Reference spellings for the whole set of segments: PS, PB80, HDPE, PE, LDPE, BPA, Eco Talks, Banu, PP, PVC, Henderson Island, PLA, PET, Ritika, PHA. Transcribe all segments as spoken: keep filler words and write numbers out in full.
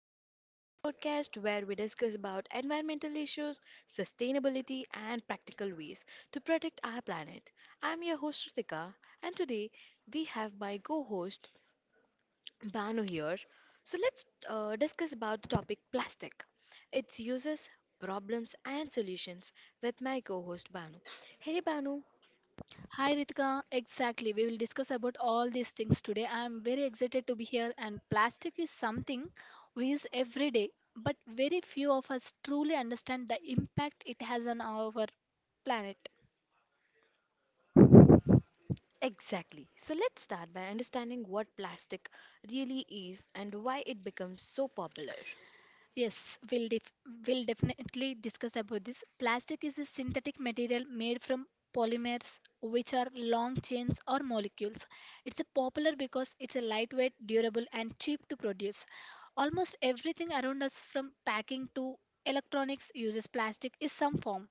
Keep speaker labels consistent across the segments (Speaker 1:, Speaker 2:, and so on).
Speaker 1: Talks, the podcast where we discuss about environmental issues, sustainability and practical ways to protect our planet. I'm your host Ritika and today we have my co-host Banu here. So let's uh, discuss about the topic plastic, its uses, problems and solutions with my co-host Banu. Hey Banu,
Speaker 2: Hi Ritika, exactly. We will discuss about all these things today. I am very excited to be here and plastic is something we use every day, but very few of us truly understand the impact it has on our planet.
Speaker 1: exactly. So let's start by understanding what plastic really is and why it becomes so popular.
Speaker 2: Yes, we'll def- we'll definitely discuss about this. Plastic is a synthetic material made from polymers, which are long chains or molecules. It's a popular because it's a lightweight, durable, and cheap to produce. Almost everything around us, from packing to electronics, uses plastic in some form.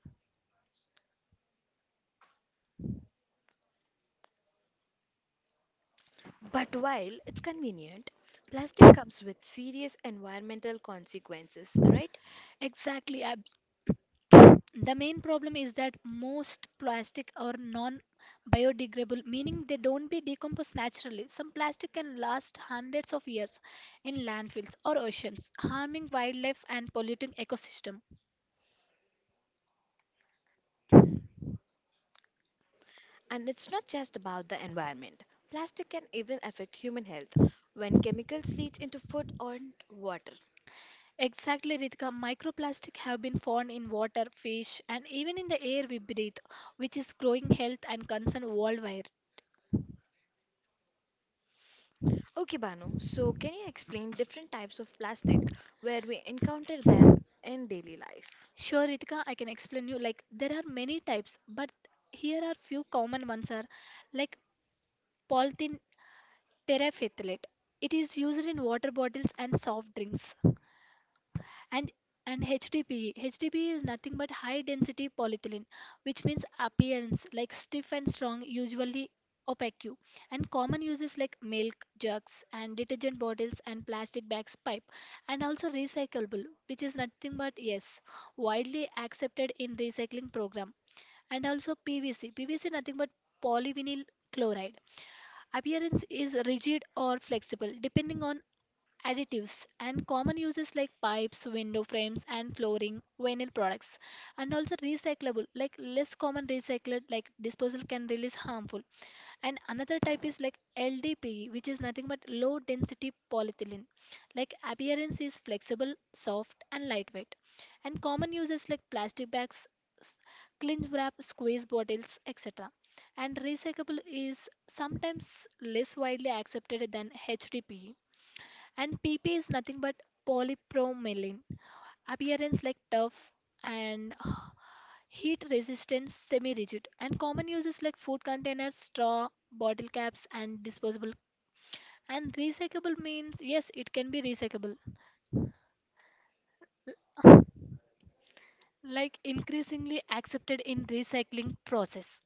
Speaker 1: But while it's convenient, plastic comes with serious environmental consequences, right?
Speaker 2: Exactly, ab- The main problem is that most plastic are non-biodegradable, meaning they don't be decomposed naturally. Some plastic can last hundreds of years in landfills or oceans, harming wildlife and polluting ecosystem.
Speaker 1: And it's not just about the environment. Plastic can even affect human health when chemicals leach into food or water.
Speaker 2: Exactly, Ritika, microplastic have been found in water, fish, and even in the air we breathe, which is growing health and concern worldwide.
Speaker 1: Okay, Banu, so can you explain different types of plastic where we encounter them in daily life?
Speaker 2: Sure, Ritika, I can explain you. Like there are many types, but here are few common ones are like polythene terephthalate. It is used in water bottles and soft drinks. And and H D P E. H D P E is nothing but high density polyethylene, which means appearance like stiff and strong, usually opaque. And common uses like milk jugs and detergent bottles and plastic bags pipe. And also recyclable, which is nothing but yes, widely accepted in recycling program. And also P V C. P V C nothing but polyvinyl chloride. Appearance is rigid or flexible depending on additives and common uses like pipes, window frames and flooring, vinyl products and also recyclable like less common recycled like disposal can release harmful and another type is like L D P E, which is nothing but low density polyethylene, like appearance is flexible, soft and lightweight and common uses like plastic bags, s- cling wrap, squeeze bottles et cetera. And recyclable is sometimes less widely accepted than H D P E and P P is nothing but polypromylene. Appearance like tough and heat resistant, semi rigid. And common uses like food containers, straw, bottle caps, and disposable. And recyclable means yes, it can be recyclable, like increasingly accepted in recycling process.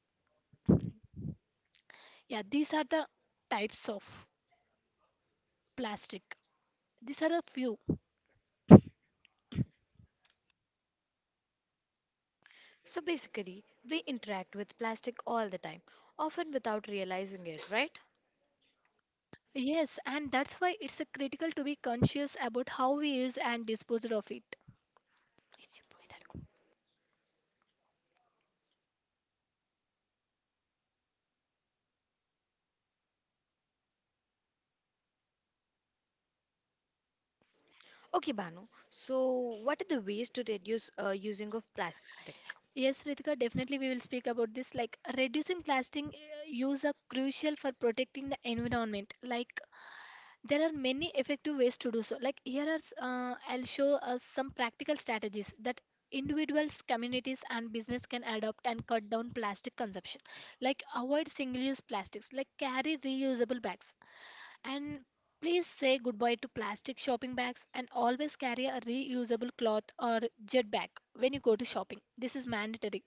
Speaker 2: Yeah, these are the types of plastic. These are a few.
Speaker 1: So basically, we interact with plastic all the time, often without realizing it, right?
Speaker 2: Yes, and that's why it's a critical to be conscious about how we use and dispose of it.
Speaker 1: Okay, Banu. So, what are the ways to reduce uh, using of plastic?
Speaker 2: Yes, Ritika, definitely we will speak about this. Like reducing plastic uh, use are crucial for protecting the environment. Like there are many effective ways to do so. Like here are, s- uh, I'll show us some practical strategies that individuals, communities, and business can adopt and cut down plastic consumption. Like avoid single-use plastics. Like carry reusable bags and please say goodbye to plastic shopping bags and always carry a reusable cloth or jet bag when you go to shopping. This is mandatory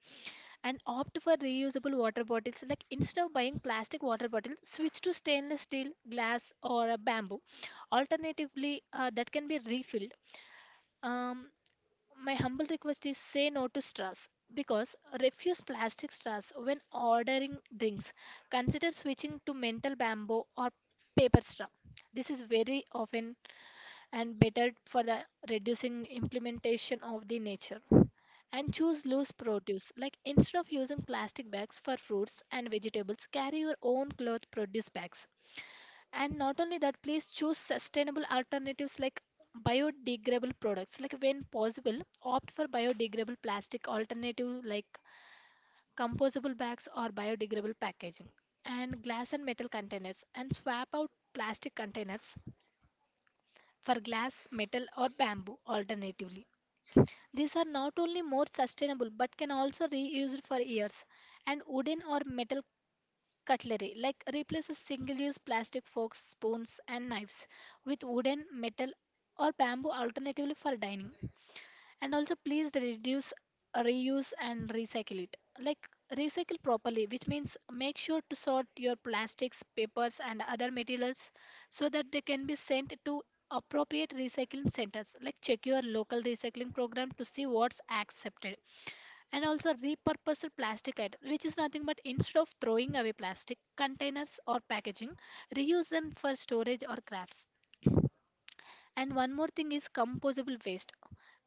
Speaker 2: and opt for reusable water bottles, like instead of buying plastic water bottles switch to stainless steel glass or a bamboo alternatively uh, that can be refilled. um, my humble request is say no to straws, because refuse plastic straws when ordering drinks, consider switching to metal bamboo or paper straw. This is very often and better for the reducing implementation of the nature. And choose loose produce, like instead of using plastic bags for fruits and vegetables carry your own cloth produce bags. And not only that, please choose sustainable alternatives like biodegradable products, like when possible opt for biodegradable plastic alternative like composable bags or biodegradable packaging. And glass and metal containers, and swap out plastic containers for glass, metal, or bamboo alternatively. These are not only more sustainable but can also reused for years. And wooden or metal cutlery, like replaces single-use plastic forks, spoons, and knives with wooden, metal, or bamboo alternatively for dining. And also please reduce, reuse and recycle it. Like recycle properly, which means make sure to sort your plastics papers and other materials so that they can be sent to appropriate recycling centers, like check your local recycling program to see what's accepted. And also repurpose plastic item, which is nothing but instead of throwing away plastic containers or packaging reuse them for storage or crafts. And one more thing is composable waste.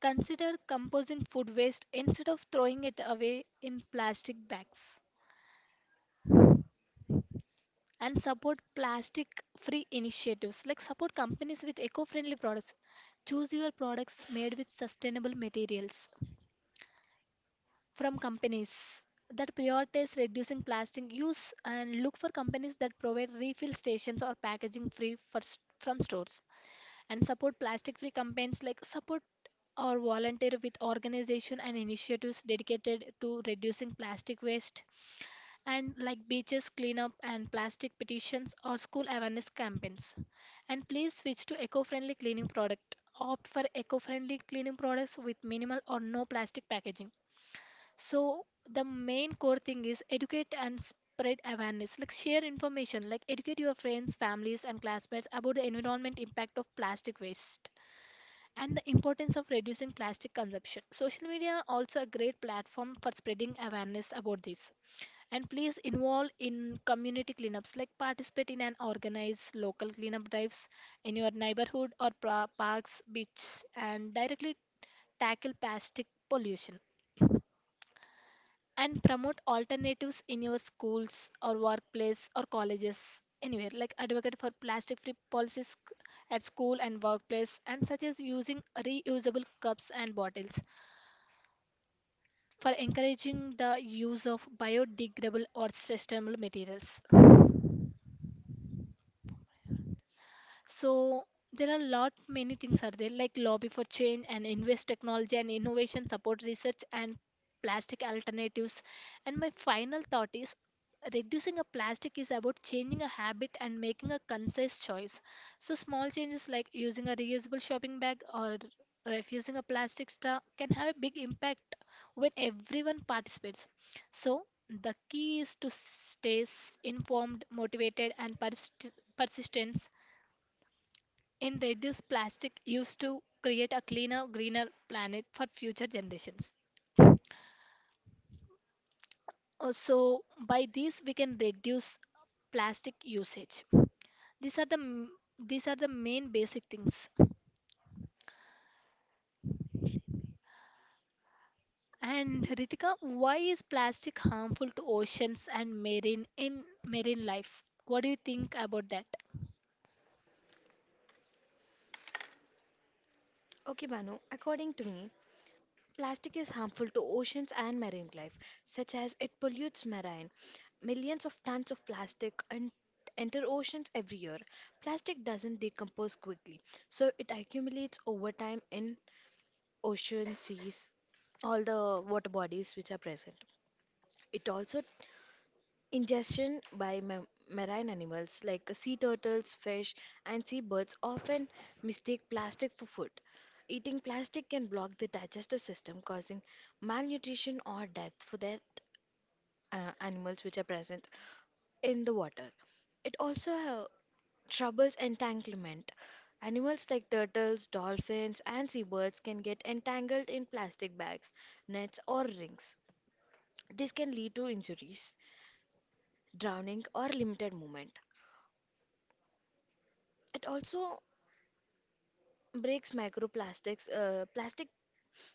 Speaker 2: Consider composing food waste instead of throwing it away in plastic bags. And support plastic free initiatives like support companies with eco friendly products. Choose your products made with sustainable materials from companies that prioritize reducing plastic use and look for companies that provide refill stations or packaging free for, s- from stores. And support plastic free campaigns like support or volunteer with organization and initiatives dedicated to reducing plastic waste and like beaches cleanup and plastic petitions or school awareness campaigns. And please switch to eco-friendly cleaning product, opt for eco-friendly cleaning products with minimal or no plastic packaging. So the main core thing is educate and spread awareness. Like share information, like educate your friends, families, and classmates about the environment impact of plastic waste and the importance of reducing plastic consumption. Social media also a great platform for spreading awareness about this. And please involve in community cleanups, like participate in and organize local cleanup drives in your neighborhood or pra- parks, beaches, and directly tackle plastic pollution and promote alternatives in your schools or workplace or colleges anywhere, like advocate for plastic free policies c- at school and workplace and such as using reusable cups and bottles for encouraging the use of biodegradable or sustainable materials. So there are a lot many things are there like lobby for change and invest technology and innovation support research and plastic alternatives. And my final thought is reducing a plastic is about changing a habit and making a concise choice. So small changes like using a reusable shopping bag or refusing a plastic straw can have a big impact when everyone participates. So the key is to stay s- informed, motivated, and persist- persistent and reduce plastic used to create a cleaner, greener planet for future generations. Uh, So by this we can reduce plastic usage. These are the m- these are the main basic things. And Ritika, why is plastic harmful to oceans and marine in marine life? What do you think about that?
Speaker 1: Okay, Banu. According to me, plastic is harmful to oceans and marine life, such as it pollutes marine. Millions of tons of plastic and enter oceans every year. Plastic doesn't decompose quickly, so it accumulates over time in ocean, seas, all the water bodies which are present. It also ingestion by ma- marine animals like sea turtles, fish, and seabirds often mistake plastic for food. Eating plastic can block the digestive system, causing malnutrition or death for the uh, animals which are present in the water. It also uh, troubles entanglement. Animals like turtles, dolphins, and seabirds can get entangled in plastic bags, nets, or rings. This can lead to injuries, drowning, or limited movement. It also breaks microplastics. Uh, plastic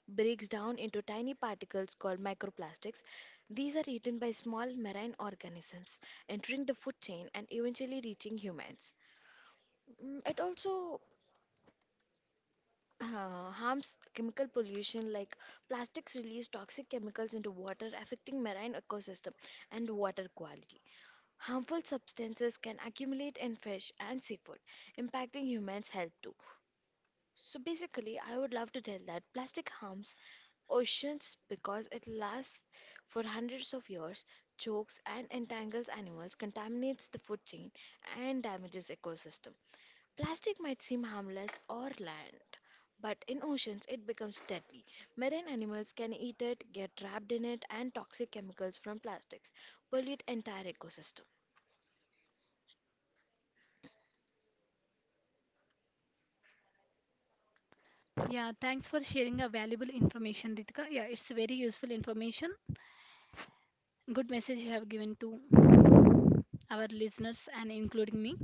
Speaker 1: breaks down into tiny particles called microplastics. These are eaten by small marine organisms, entering the food chain and eventually reaching humans. Mm, It also uh, harms chemical pollution like plastics release toxic chemicals into water, affecting marine ecosystem and water quality. Harmful substances can accumulate in fish and seafood, impacting humans health too. So basically I would love to tell that plastic harms oceans because it lasts for hundreds of years, chokes and entangles animals, contaminates the food chain, and damages ecosystem. Plastic might seem harmless or land, but in oceans it becomes deadly. Marine animals can eat it, get trapped in it, and toxic chemicals from plastics pollute entire ecosystem.
Speaker 2: Yeah, thanks for sharing a valuable information, Ritika. Yeah, it's very useful information. Good message you have given to our listeners and including me.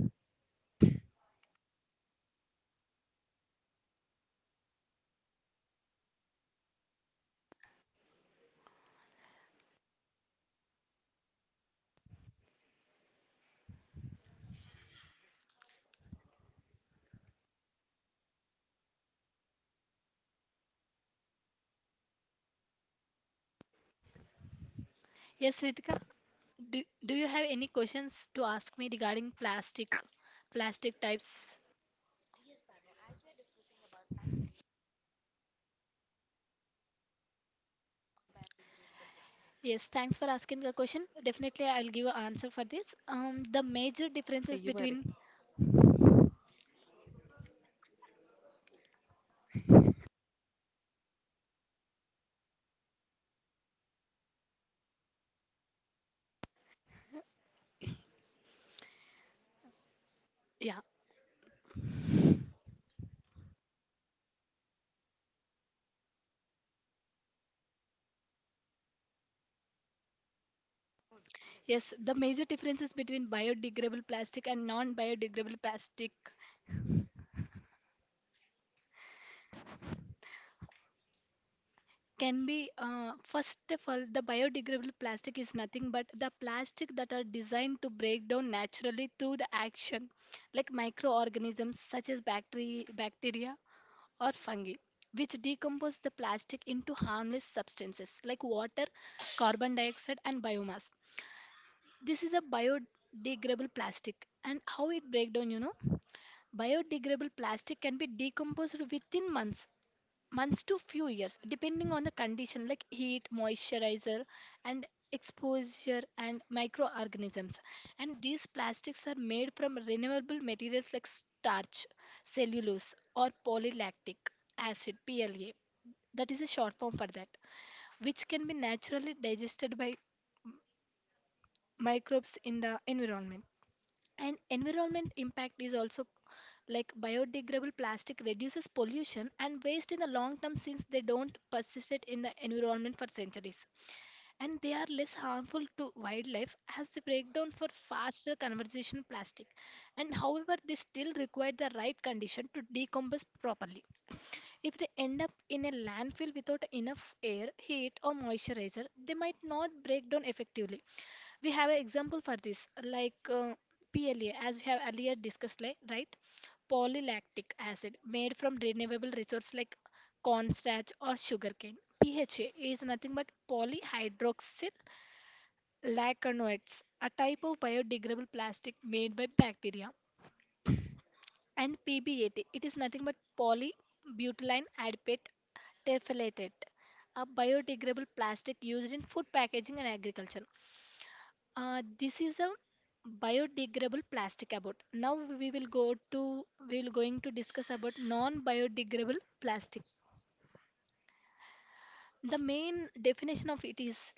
Speaker 2: Yes, Ritika. Do, do you have any questions to ask me regarding plastic, plastic types? Yes, thanks for asking the question. Definitely, I'll give an answer for this. Um, the major differences between yeah, yes, the major differences between biodegradable plastic and non-biodegradable plastic can be uh, first of all, the biodegradable plastic is nothing but the plastic that are designed to break down naturally through the action, like microorganisms such as bacteria, bacteria or fungi, which decompose the plastic into harmless substances like water, carbon dioxide, and biomass. This is a biodegradable plastic. And how it breaks down, you know? Biodegradable plastic can be decomposed within months months to few years depending on the condition like heat moisturizer and exposure and microorganisms. And these plastics are made from renewable materials like starch cellulose or polylactic acid P L A, that is a short form for that, which can be naturally digested by microbes in the environment. And environment impact is also like biodegradable plastic reduces pollution and waste in the long term since they don't persist it in the environment for centuries. And they are less harmful to wildlife as they break down for faster conversion plastic. And however, they still require the right condition to decompose properly. If they end up in a landfill without enough air, heat, or moisturizer, they might not break down effectively. We have an example for this, like uh, P L A, as we have earlier discussed, like, right? Polylactic acid made from renewable resources like cornstarch or sugarcane. P H A is nothing but polyhydroxyl lacanoates, a type of biodegradable plastic made by bacteria. And P B eighty. It is nothing but polybutylene adipate terephthalate, a biodegradable plastic used in food packaging and agriculture. Uh, this is a biodegradable plastic about. Now we will go to we will going to discuss about non-biodegradable plastic. The main definition of it is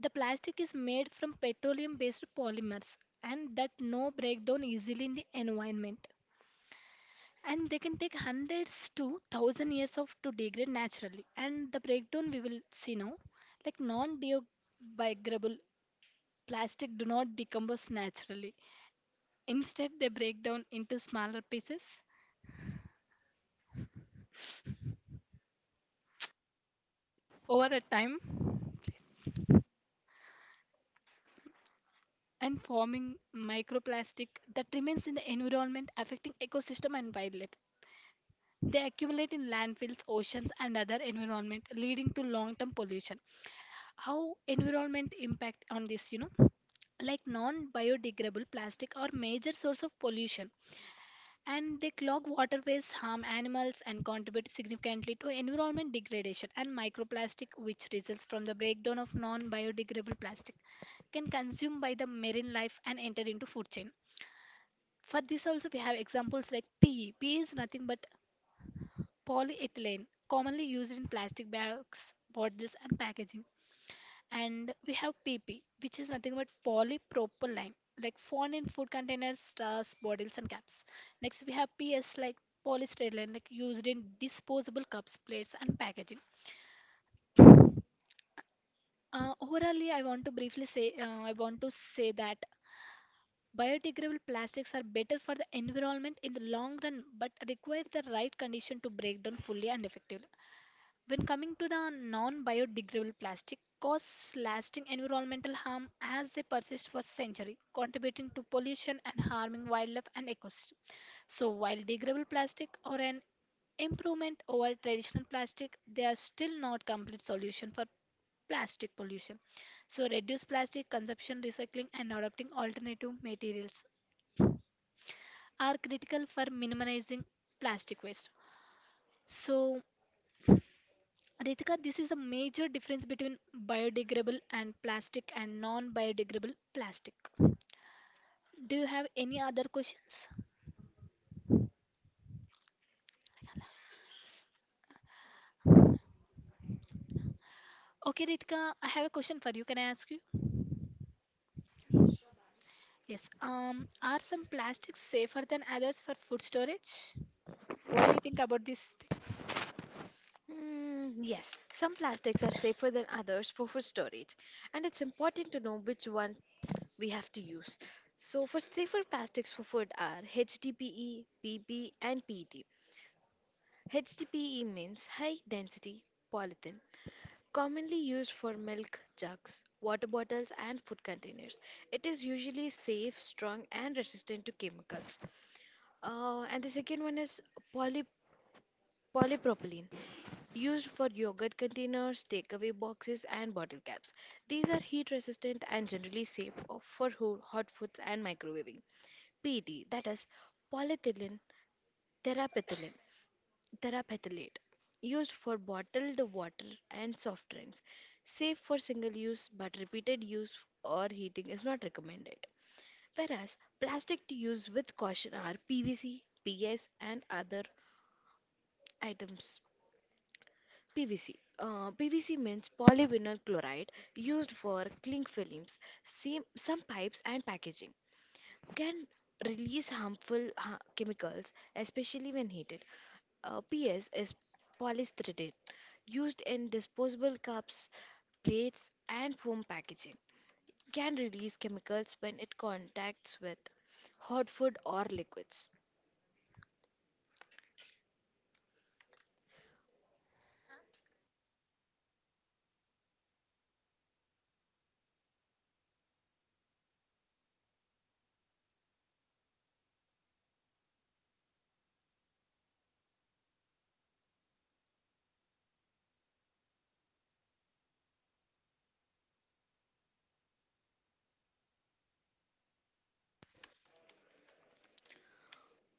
Speaker 2: the plastic is made from petroleum-based polymers and that no breakdown easily in the environment. And they can take hundreds to thousand years of to degrade naturally. And the breakdown we will see now, like non-biodegradable plastic do not decompose naturally, instead they break down into smaller pieces over a time and forming microplastic that remains in the environment affecting ecosystem and wildlife. They accumulate in landfills oceans and other environment leading to long-term pollution. How environment impact on this, you know, like non biodegradable plastic are major source of pollution and they clog waterways harm animals and contribute significantly to environment degradation. And microplastic which results from the breakdown of non biodegradable plastic can consumed by the marine life and enter into food chain. For this also we have examples like P E. P E is nothing but polyethylene, commonly used in plastic bags, bottles and packaging. And we have P P, which is nothing but polypropylene, like found in food containers, straws, bottles, and caps. Next, we have P S, like polystyrene, like used in disposable cups, plates, and packaging. Uh, overally, I want to briefly say, uh, I want to say that biodegradable plastics are better for the environment in the long run, but require the right condition to break down fully and effectively. When coming to the non biodegradable plastic, cause lasting environmental harm as they persist for centuries, contributing to pollution and harming wildlife and ecosystem. So, while degradable plastic are an improvement over traditional plastic, they are still not complete solution for plastic pollution. So, reduce plastic consumption, recycling, and adopting alternative materials are critical for minimizing plastic waste. So, Ritika, this is a major difference between biodegradable and plastic and non-biodegradable plastic. Do you have any other questions? Okay, Ritika, I have a question for you. Can I ask you? Yes. Um, are some plastics safer than others for food storage? What do you think about this thing?
Speaker 1: Mm, yes, some plastics are safer than others for food storage, and it's important to know which one we have to use. So, for safer plastics for food are H D P E, P P, and P E T. HDPE means high density polyethylene, commonly used for milk jugs, water bottles, and food containers. It is usually safe, strong, and resistant to chemicals. Uh, and the second one is poly polypropylene, used for yogurt containers, takeaway boxes, and bottle caps. These are heat resistant and generally safe of- for ho- hot foods and microwaving. P E T, that is polyethylene terephthalate, terephthalate, used for bottled water and soft drinks. Safe for single use, but repeated use or heating is not recommended. Whereas plastic to use with caution are P V C, PS, and other items. PVC. Uh, P V C means polyvinyl chloride, used for cling films. Same, some pipes and packaging can release harmful ha- chemicals, especially when heated. Uh, P S is polystyrene, used in disposable cups, plates, and foam packaging. Can release chemicals when it contacts with hot food or liquids.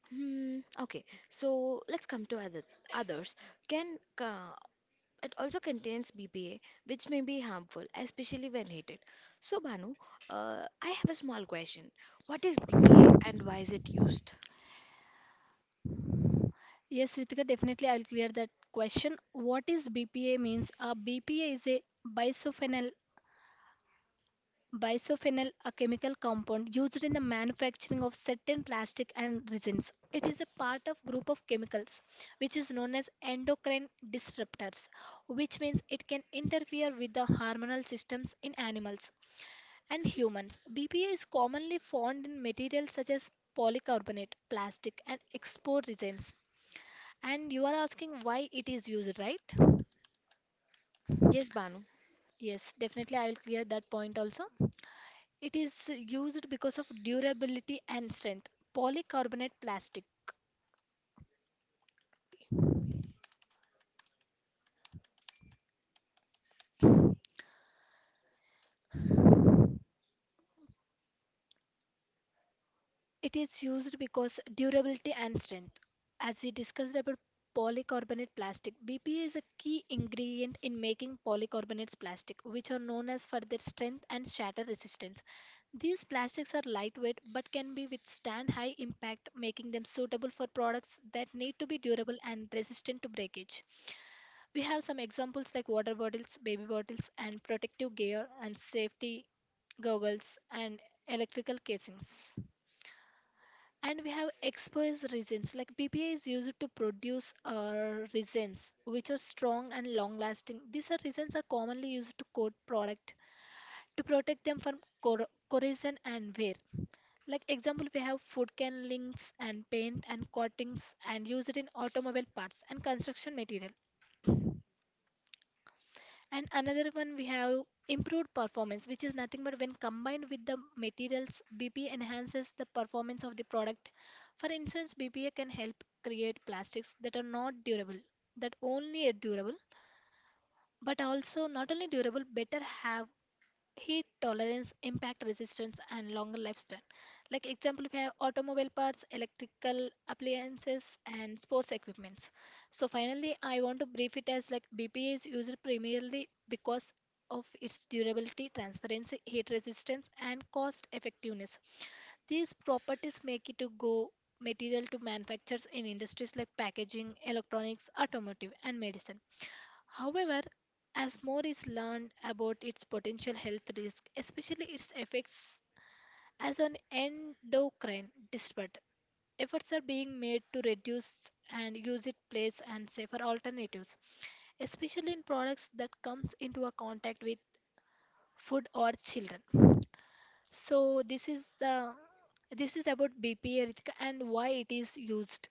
Speaker 1: Hmm, okay, so let's come to other, others. Can uh, it also contains B P A, which may be harmful, especially when heated. So, Banu, uh, I have a small question. What is B P A and why is it used?
Speaker 2: Yes, Ritika, definitely I will clear that question. What is B P A means? A B P A is a bisulfonyl, Bisphenol, a chemical compound used in the manufacturing of certain plastic and resins. It is a part of group of chemicals which is known as endocrine disruptors, which means it can interfere with the hormonal systems in animals and humans. B P A is commonly found in materials such as polycarbonate, plastic and export resins. And you are asking why it is used, right?
Speaker 1: Yes, Banu.
Speaker 2: Yes, definitely I will clear that point also. It is used because of durability and strength. Polycarbonate plastic. It is used because durability and strength. As we discussed about polycarbonate plastic, B P A is a key ingredient in making polycarbonates plastic, which are known as for their strength and shatter resistance. These plastics are lightweight but can be withstand high impact, making them suitable for products that need to be durable and resistant to breakage. We have some examples like water bottles, baby bottles, and protective gear and safety goggles and electrical casings. And we have exposed resins like B P A is used to produce uh, resins which are strong and long lasting. These are resins are commonly used to coat product to protect them from cor- corrosion and wear. Like example, we have food can links and paint and coatings and used in automobile parts and construction material. And another one we have improved performance, which is nothing but when combined with the materials, B P A enhances the performance of the product. For instance, B P A can help create plastics that are not durable, that only are durable, but also not only durable, better have heat tolerance, impact resistance, and longer lifespan. Like example, we have automobile parts, electrical appliances, and sports equipments. So finally, I want to brief it as like B P A is used primarily because of its durability, transparency, heat resistance, and cost effectiveness. These properties make it to go material to manufacturers in industries like packaging, electronics, automotive, and medicine. However, as more is learned about its potential health risk, especially its effects as an endocrine disruptor, efforts are being made to reduce and use it place and safer alternatives, especially in products that comes into a contact with food or children. So this is the this is about B P A, Ritika, and why it is used.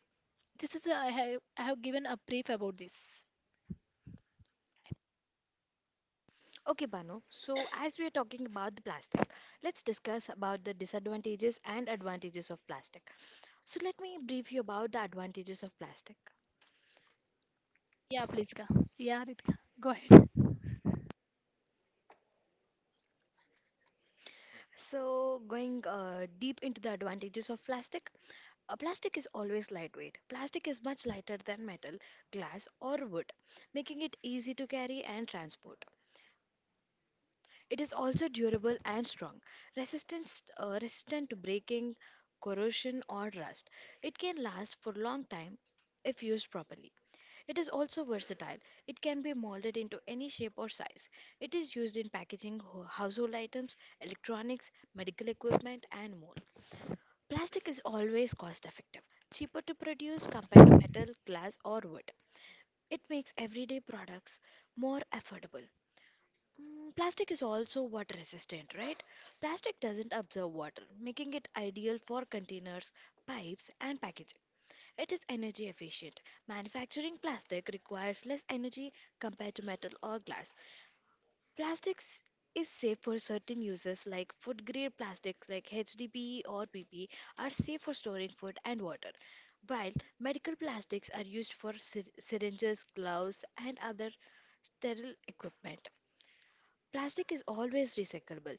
Speaker 2: This is a, I have I have given a brief about this.
Speaker 1: Okay, Banu. So, as we are talking about the plastic, let's discuss about the disadvantages and advantages of plastic. So, let me brief you about the advantages of plastic.
Speaker 2: Yeah, please. Ka. Yeah, Ritika, go ahead.
Speaker 1: So, going uh, deep into the advantages of plastic, Uh, plastic is always lightweight. Plastic is much lighter than metal, glass, or wood, making it easy to carry and transport. It is also durable and strong, resistance, uh, resistant to breaking, corrosion, or rust. It can last for a long time if used properly. It is also versatile. It can be molded into any shape or size. It is used in packaging, ho- household items, electronics, medical equipment, and more. Plastic is always cost effective, cheaper to produce compared to metal, glass, or wood. It makes everyday products more affordable. Mm, Plastic is also water resistant, right? Plastic doesn't absorb water, making it ideal for containers, pipes, and packaging. It is energy efficient. Manufacturing plastic requires less energy compared to metal or glass. Plastics is safe for certain uses like food grade plastics like H D P E or P P are safe for storing food and water, while medical plastics are used for sy- syringes, gloves, and other sterile equipment. Plastic is always recyclable.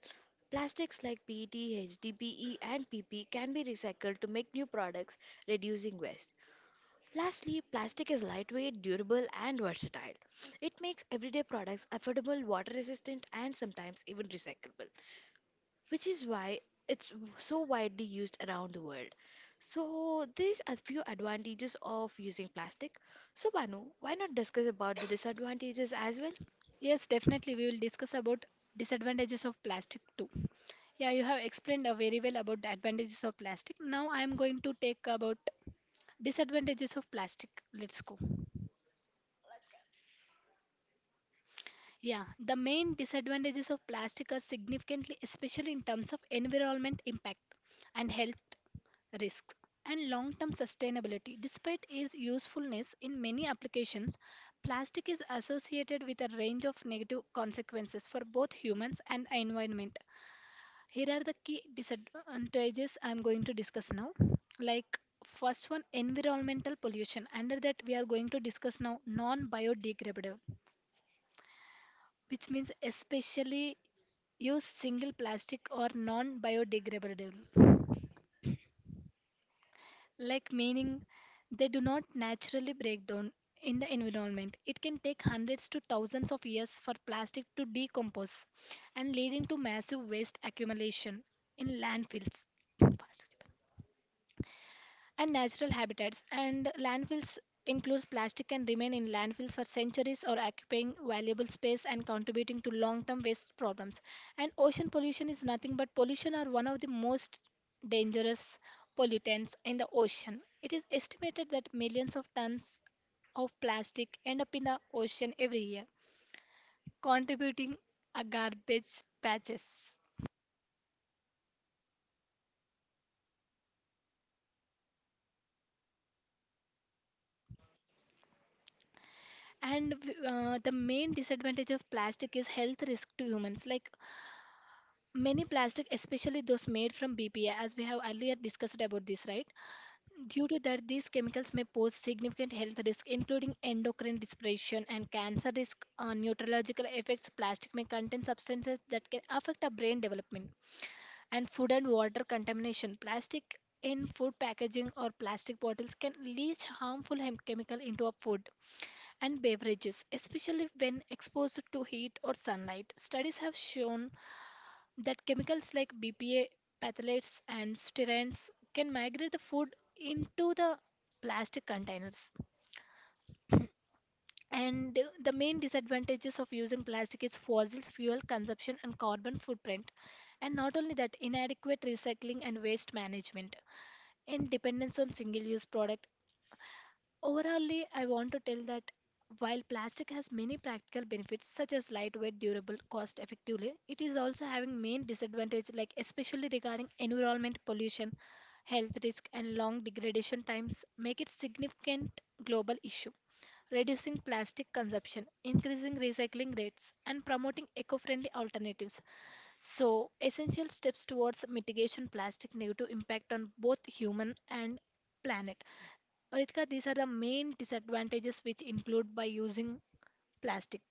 Speaker 1: Plastics like P E T, H D P E, and P P can be recycled to make new products, reducing waste. Lastly, plastic is lightweight, durable, and versatile. It makes everyday products affordable, water resistant, and sometimes even recyclable, which is why it's so widely used around the world. So, these are few advantages of using plastic. So, Banu, why not discuss about the disadvantages as well?
Speaker 2: Yes, definitely. We will discuss about disadvantages of plastic too. Yeah, you have explained uh, very well about the advantages of plastic. Now I am going to take about disadvantages of plastic. Let's go. Yeah, the main disadvantages of plastic are significantly, especially in terms of environment impact and health risks and long-term sustainability. Despite its usefulness in many applications, plastic is associated with a range of negative consequences for both humans and environment. Here are the key disadvantages I am going to discuss now. Like first one, environmental pollution. Under that, we are going to discuss now non-biodegradable, which means especially use single plastic or non-biodegradable. Like meaning they do not naturally break down in the environment. It can take hundreds to thousands of years for plastic to decompose and leading to massive waste accumulation in landfills and natural habitats. And landfills includes plastic can remain in landfills for centuries or occupying valuable space and contributing to long-term waste problems. And ocean pollution is nothing but pollution are one of the most dangerous pollutants in the ocean. It is estimated that millions of tons of plastic end up in the ocean every year, contributing a garbage patches. And uh, the main disadvantage of plastic is health risk to humans. Like many plastic, especially those made from B P A, as we have earlier discussed about this, right? Due to that, these chemicals may pose significant health risk, including endocrine disruption and cancer risk, uh, neurological effects. Plastic may contain substances that can affect our brain development, and food and water contamination. Plastic in food packaging or plastic bottles can leach harmful hem- chemical into our food and beverages, especially when exposed to heat or sunlight. Studies have shown that chemicals like B P A, phthalates, and sterins can migrate the food into the plastic containers. And the main disadvantages of using plastic is fossil fuel consumption and carbon footprint. And not only that, inadequate recycling and waste management and dependence on single use product. Overallly, I want to tell that while plastic has many practical benefits such as lightweight, durable, cost effectively, it is also having main disadvantages like especially regarding environment pollution, health risk and long degradation times make it significant global issue. Reducing plastic consumption, increasing recycling rates and promoting eco-friendly alternatives. So, essential steps towards mitigation plastic negative impact on both human and planet. Ritika, these are the main disadvantages which include by using plastic.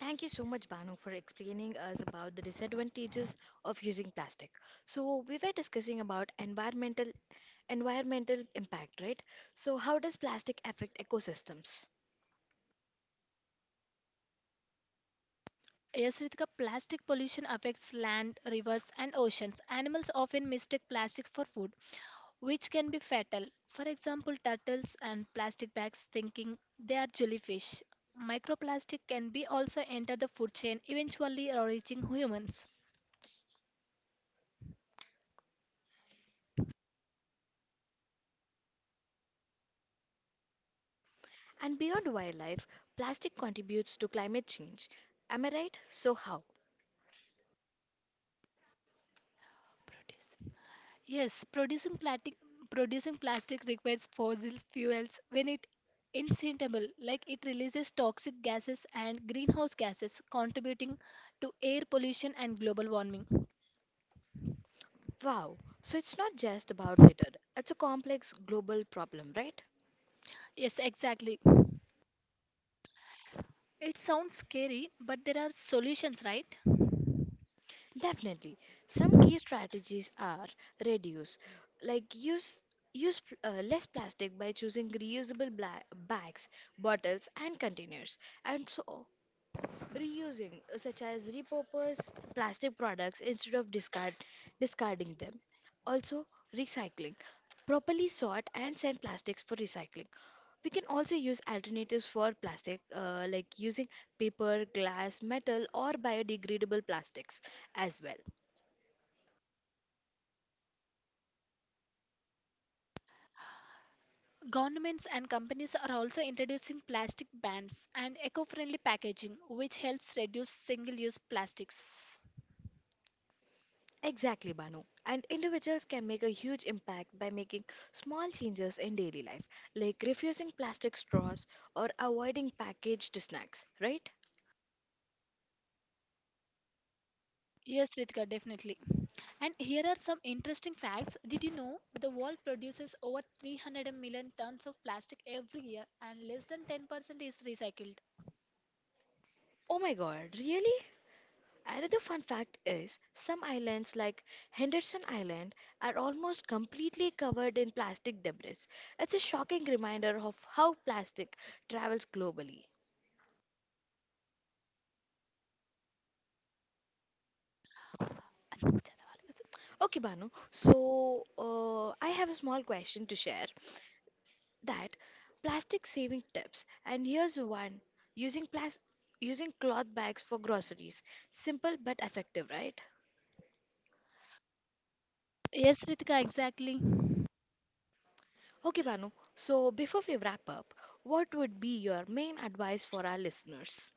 Speaker 1: Thank you so much, Banu, for explaining us about the disadvantages of using plastic. So, we were discussing about environmental environmental impact, right? So, how does plastic affect ecosystems?
Speaker 2: Yes, Ritika, plastic pollution affects land, rivers, and oceans. Animals often mistake plastics for food, which can be fatal. For example, turtles and plastic bags thinking they are jellyfish. Microplastic can be also enter the food chain, eventually reaching humans.
Speaker 1: And beyond wildlife, plastic contributes to climate change. Am I right? So, how?
Speaker 2: Yes, producing plastic producing plastic requires fossil fuels when it incinerated, like it releases toxic gases and greenhouse gases, contributing to air pollution and global warming.
Speaker 1: Wow. So, it's not just about litter, it's a complex global problem, right?
Speaker 2: Yes, exactly. It sounds scary, but there are solutions, right?
Speaker 1: Definitely. Some key strategies are reduce, like use. Use pl- uh, less plastic by choosing reusable bla- bags, bottles, and containers. And so reusing, uh, such as repurpose plastic products instead of discard, discarding them. Also, recycling, properly sort and send plastics for recycling. We can also use alternatives for plastic, uh, like using paper, glass, metal, or biodegradable plastics as well.
Speaker 2: Governments and companies are also introducing plastic bans and eco-friendly packaging, which helps reduce single-use plastics.
Speaker 1: Exactly, Banu. And individuals can make a huge impact by making small changes in daily life, like refusing plastic straws or avoiding packaged snacks, right?
Speaker 2: Yes, Ritika, definitely. And here are some interesting facts. Did you know the world produces over three hundred million tons of plastic every year and less than ten percent is recycled?
Speaker 1: Oh my god, really? Another fun fact is some islands like Henderson Island are almost completely covered in plastic debris. It's a shocking reminder of how plastic travels globally. Okay, Banu, so uh, I have a small question to share that plastic saving tips, and here's one using plas- using cloth bags for groceries. Simple but effective, right?
Speaker 2: Yes, Ritika, exactly.
Speaker 1: Okay, Banu. So before we wrap up, what would be your main advice for our listeners?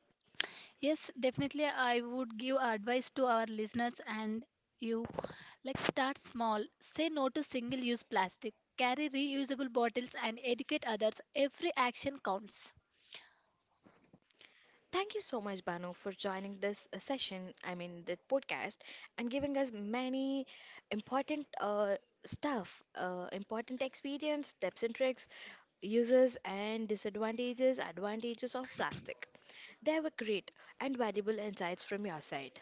Speaker 2: Yes, definitely. I would give advice to our listeners and you. Like, start small, say no to single use plastic, carry reusable bottles, and educate others. Every action counts.
Speaker 1: Thank you so much, Banu, for joining this uh, session, I mean, the podcast, and giving us many important uh, stuff, uh, important experience, tips and tricks, uses and disadvantages, advantages of plastic. They were great and valuable insights from your side.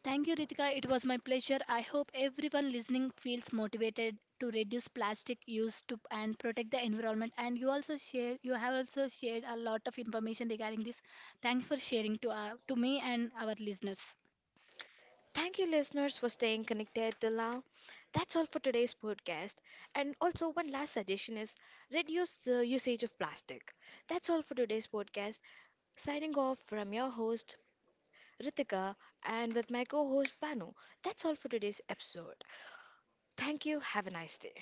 Speaker 2: Thank you, Ritika. It was my pleasure. I hope everyone listening feels motivated to reduce plastic use to and protect the environment. And you also share, you have also shared a lot of information regarding this. Thanks for sharing to uh, to me and our listeners.
Speaker 1: Thank you, listeners, for staying connected till now. That's all for today's podcast. And also, one last suggestion is reduce the usage of plastic. That's all for today's podcast. Signing off from your host, Ritika, and with my co host, Banu. That's all for today's episode. Thank you. Have a nice day.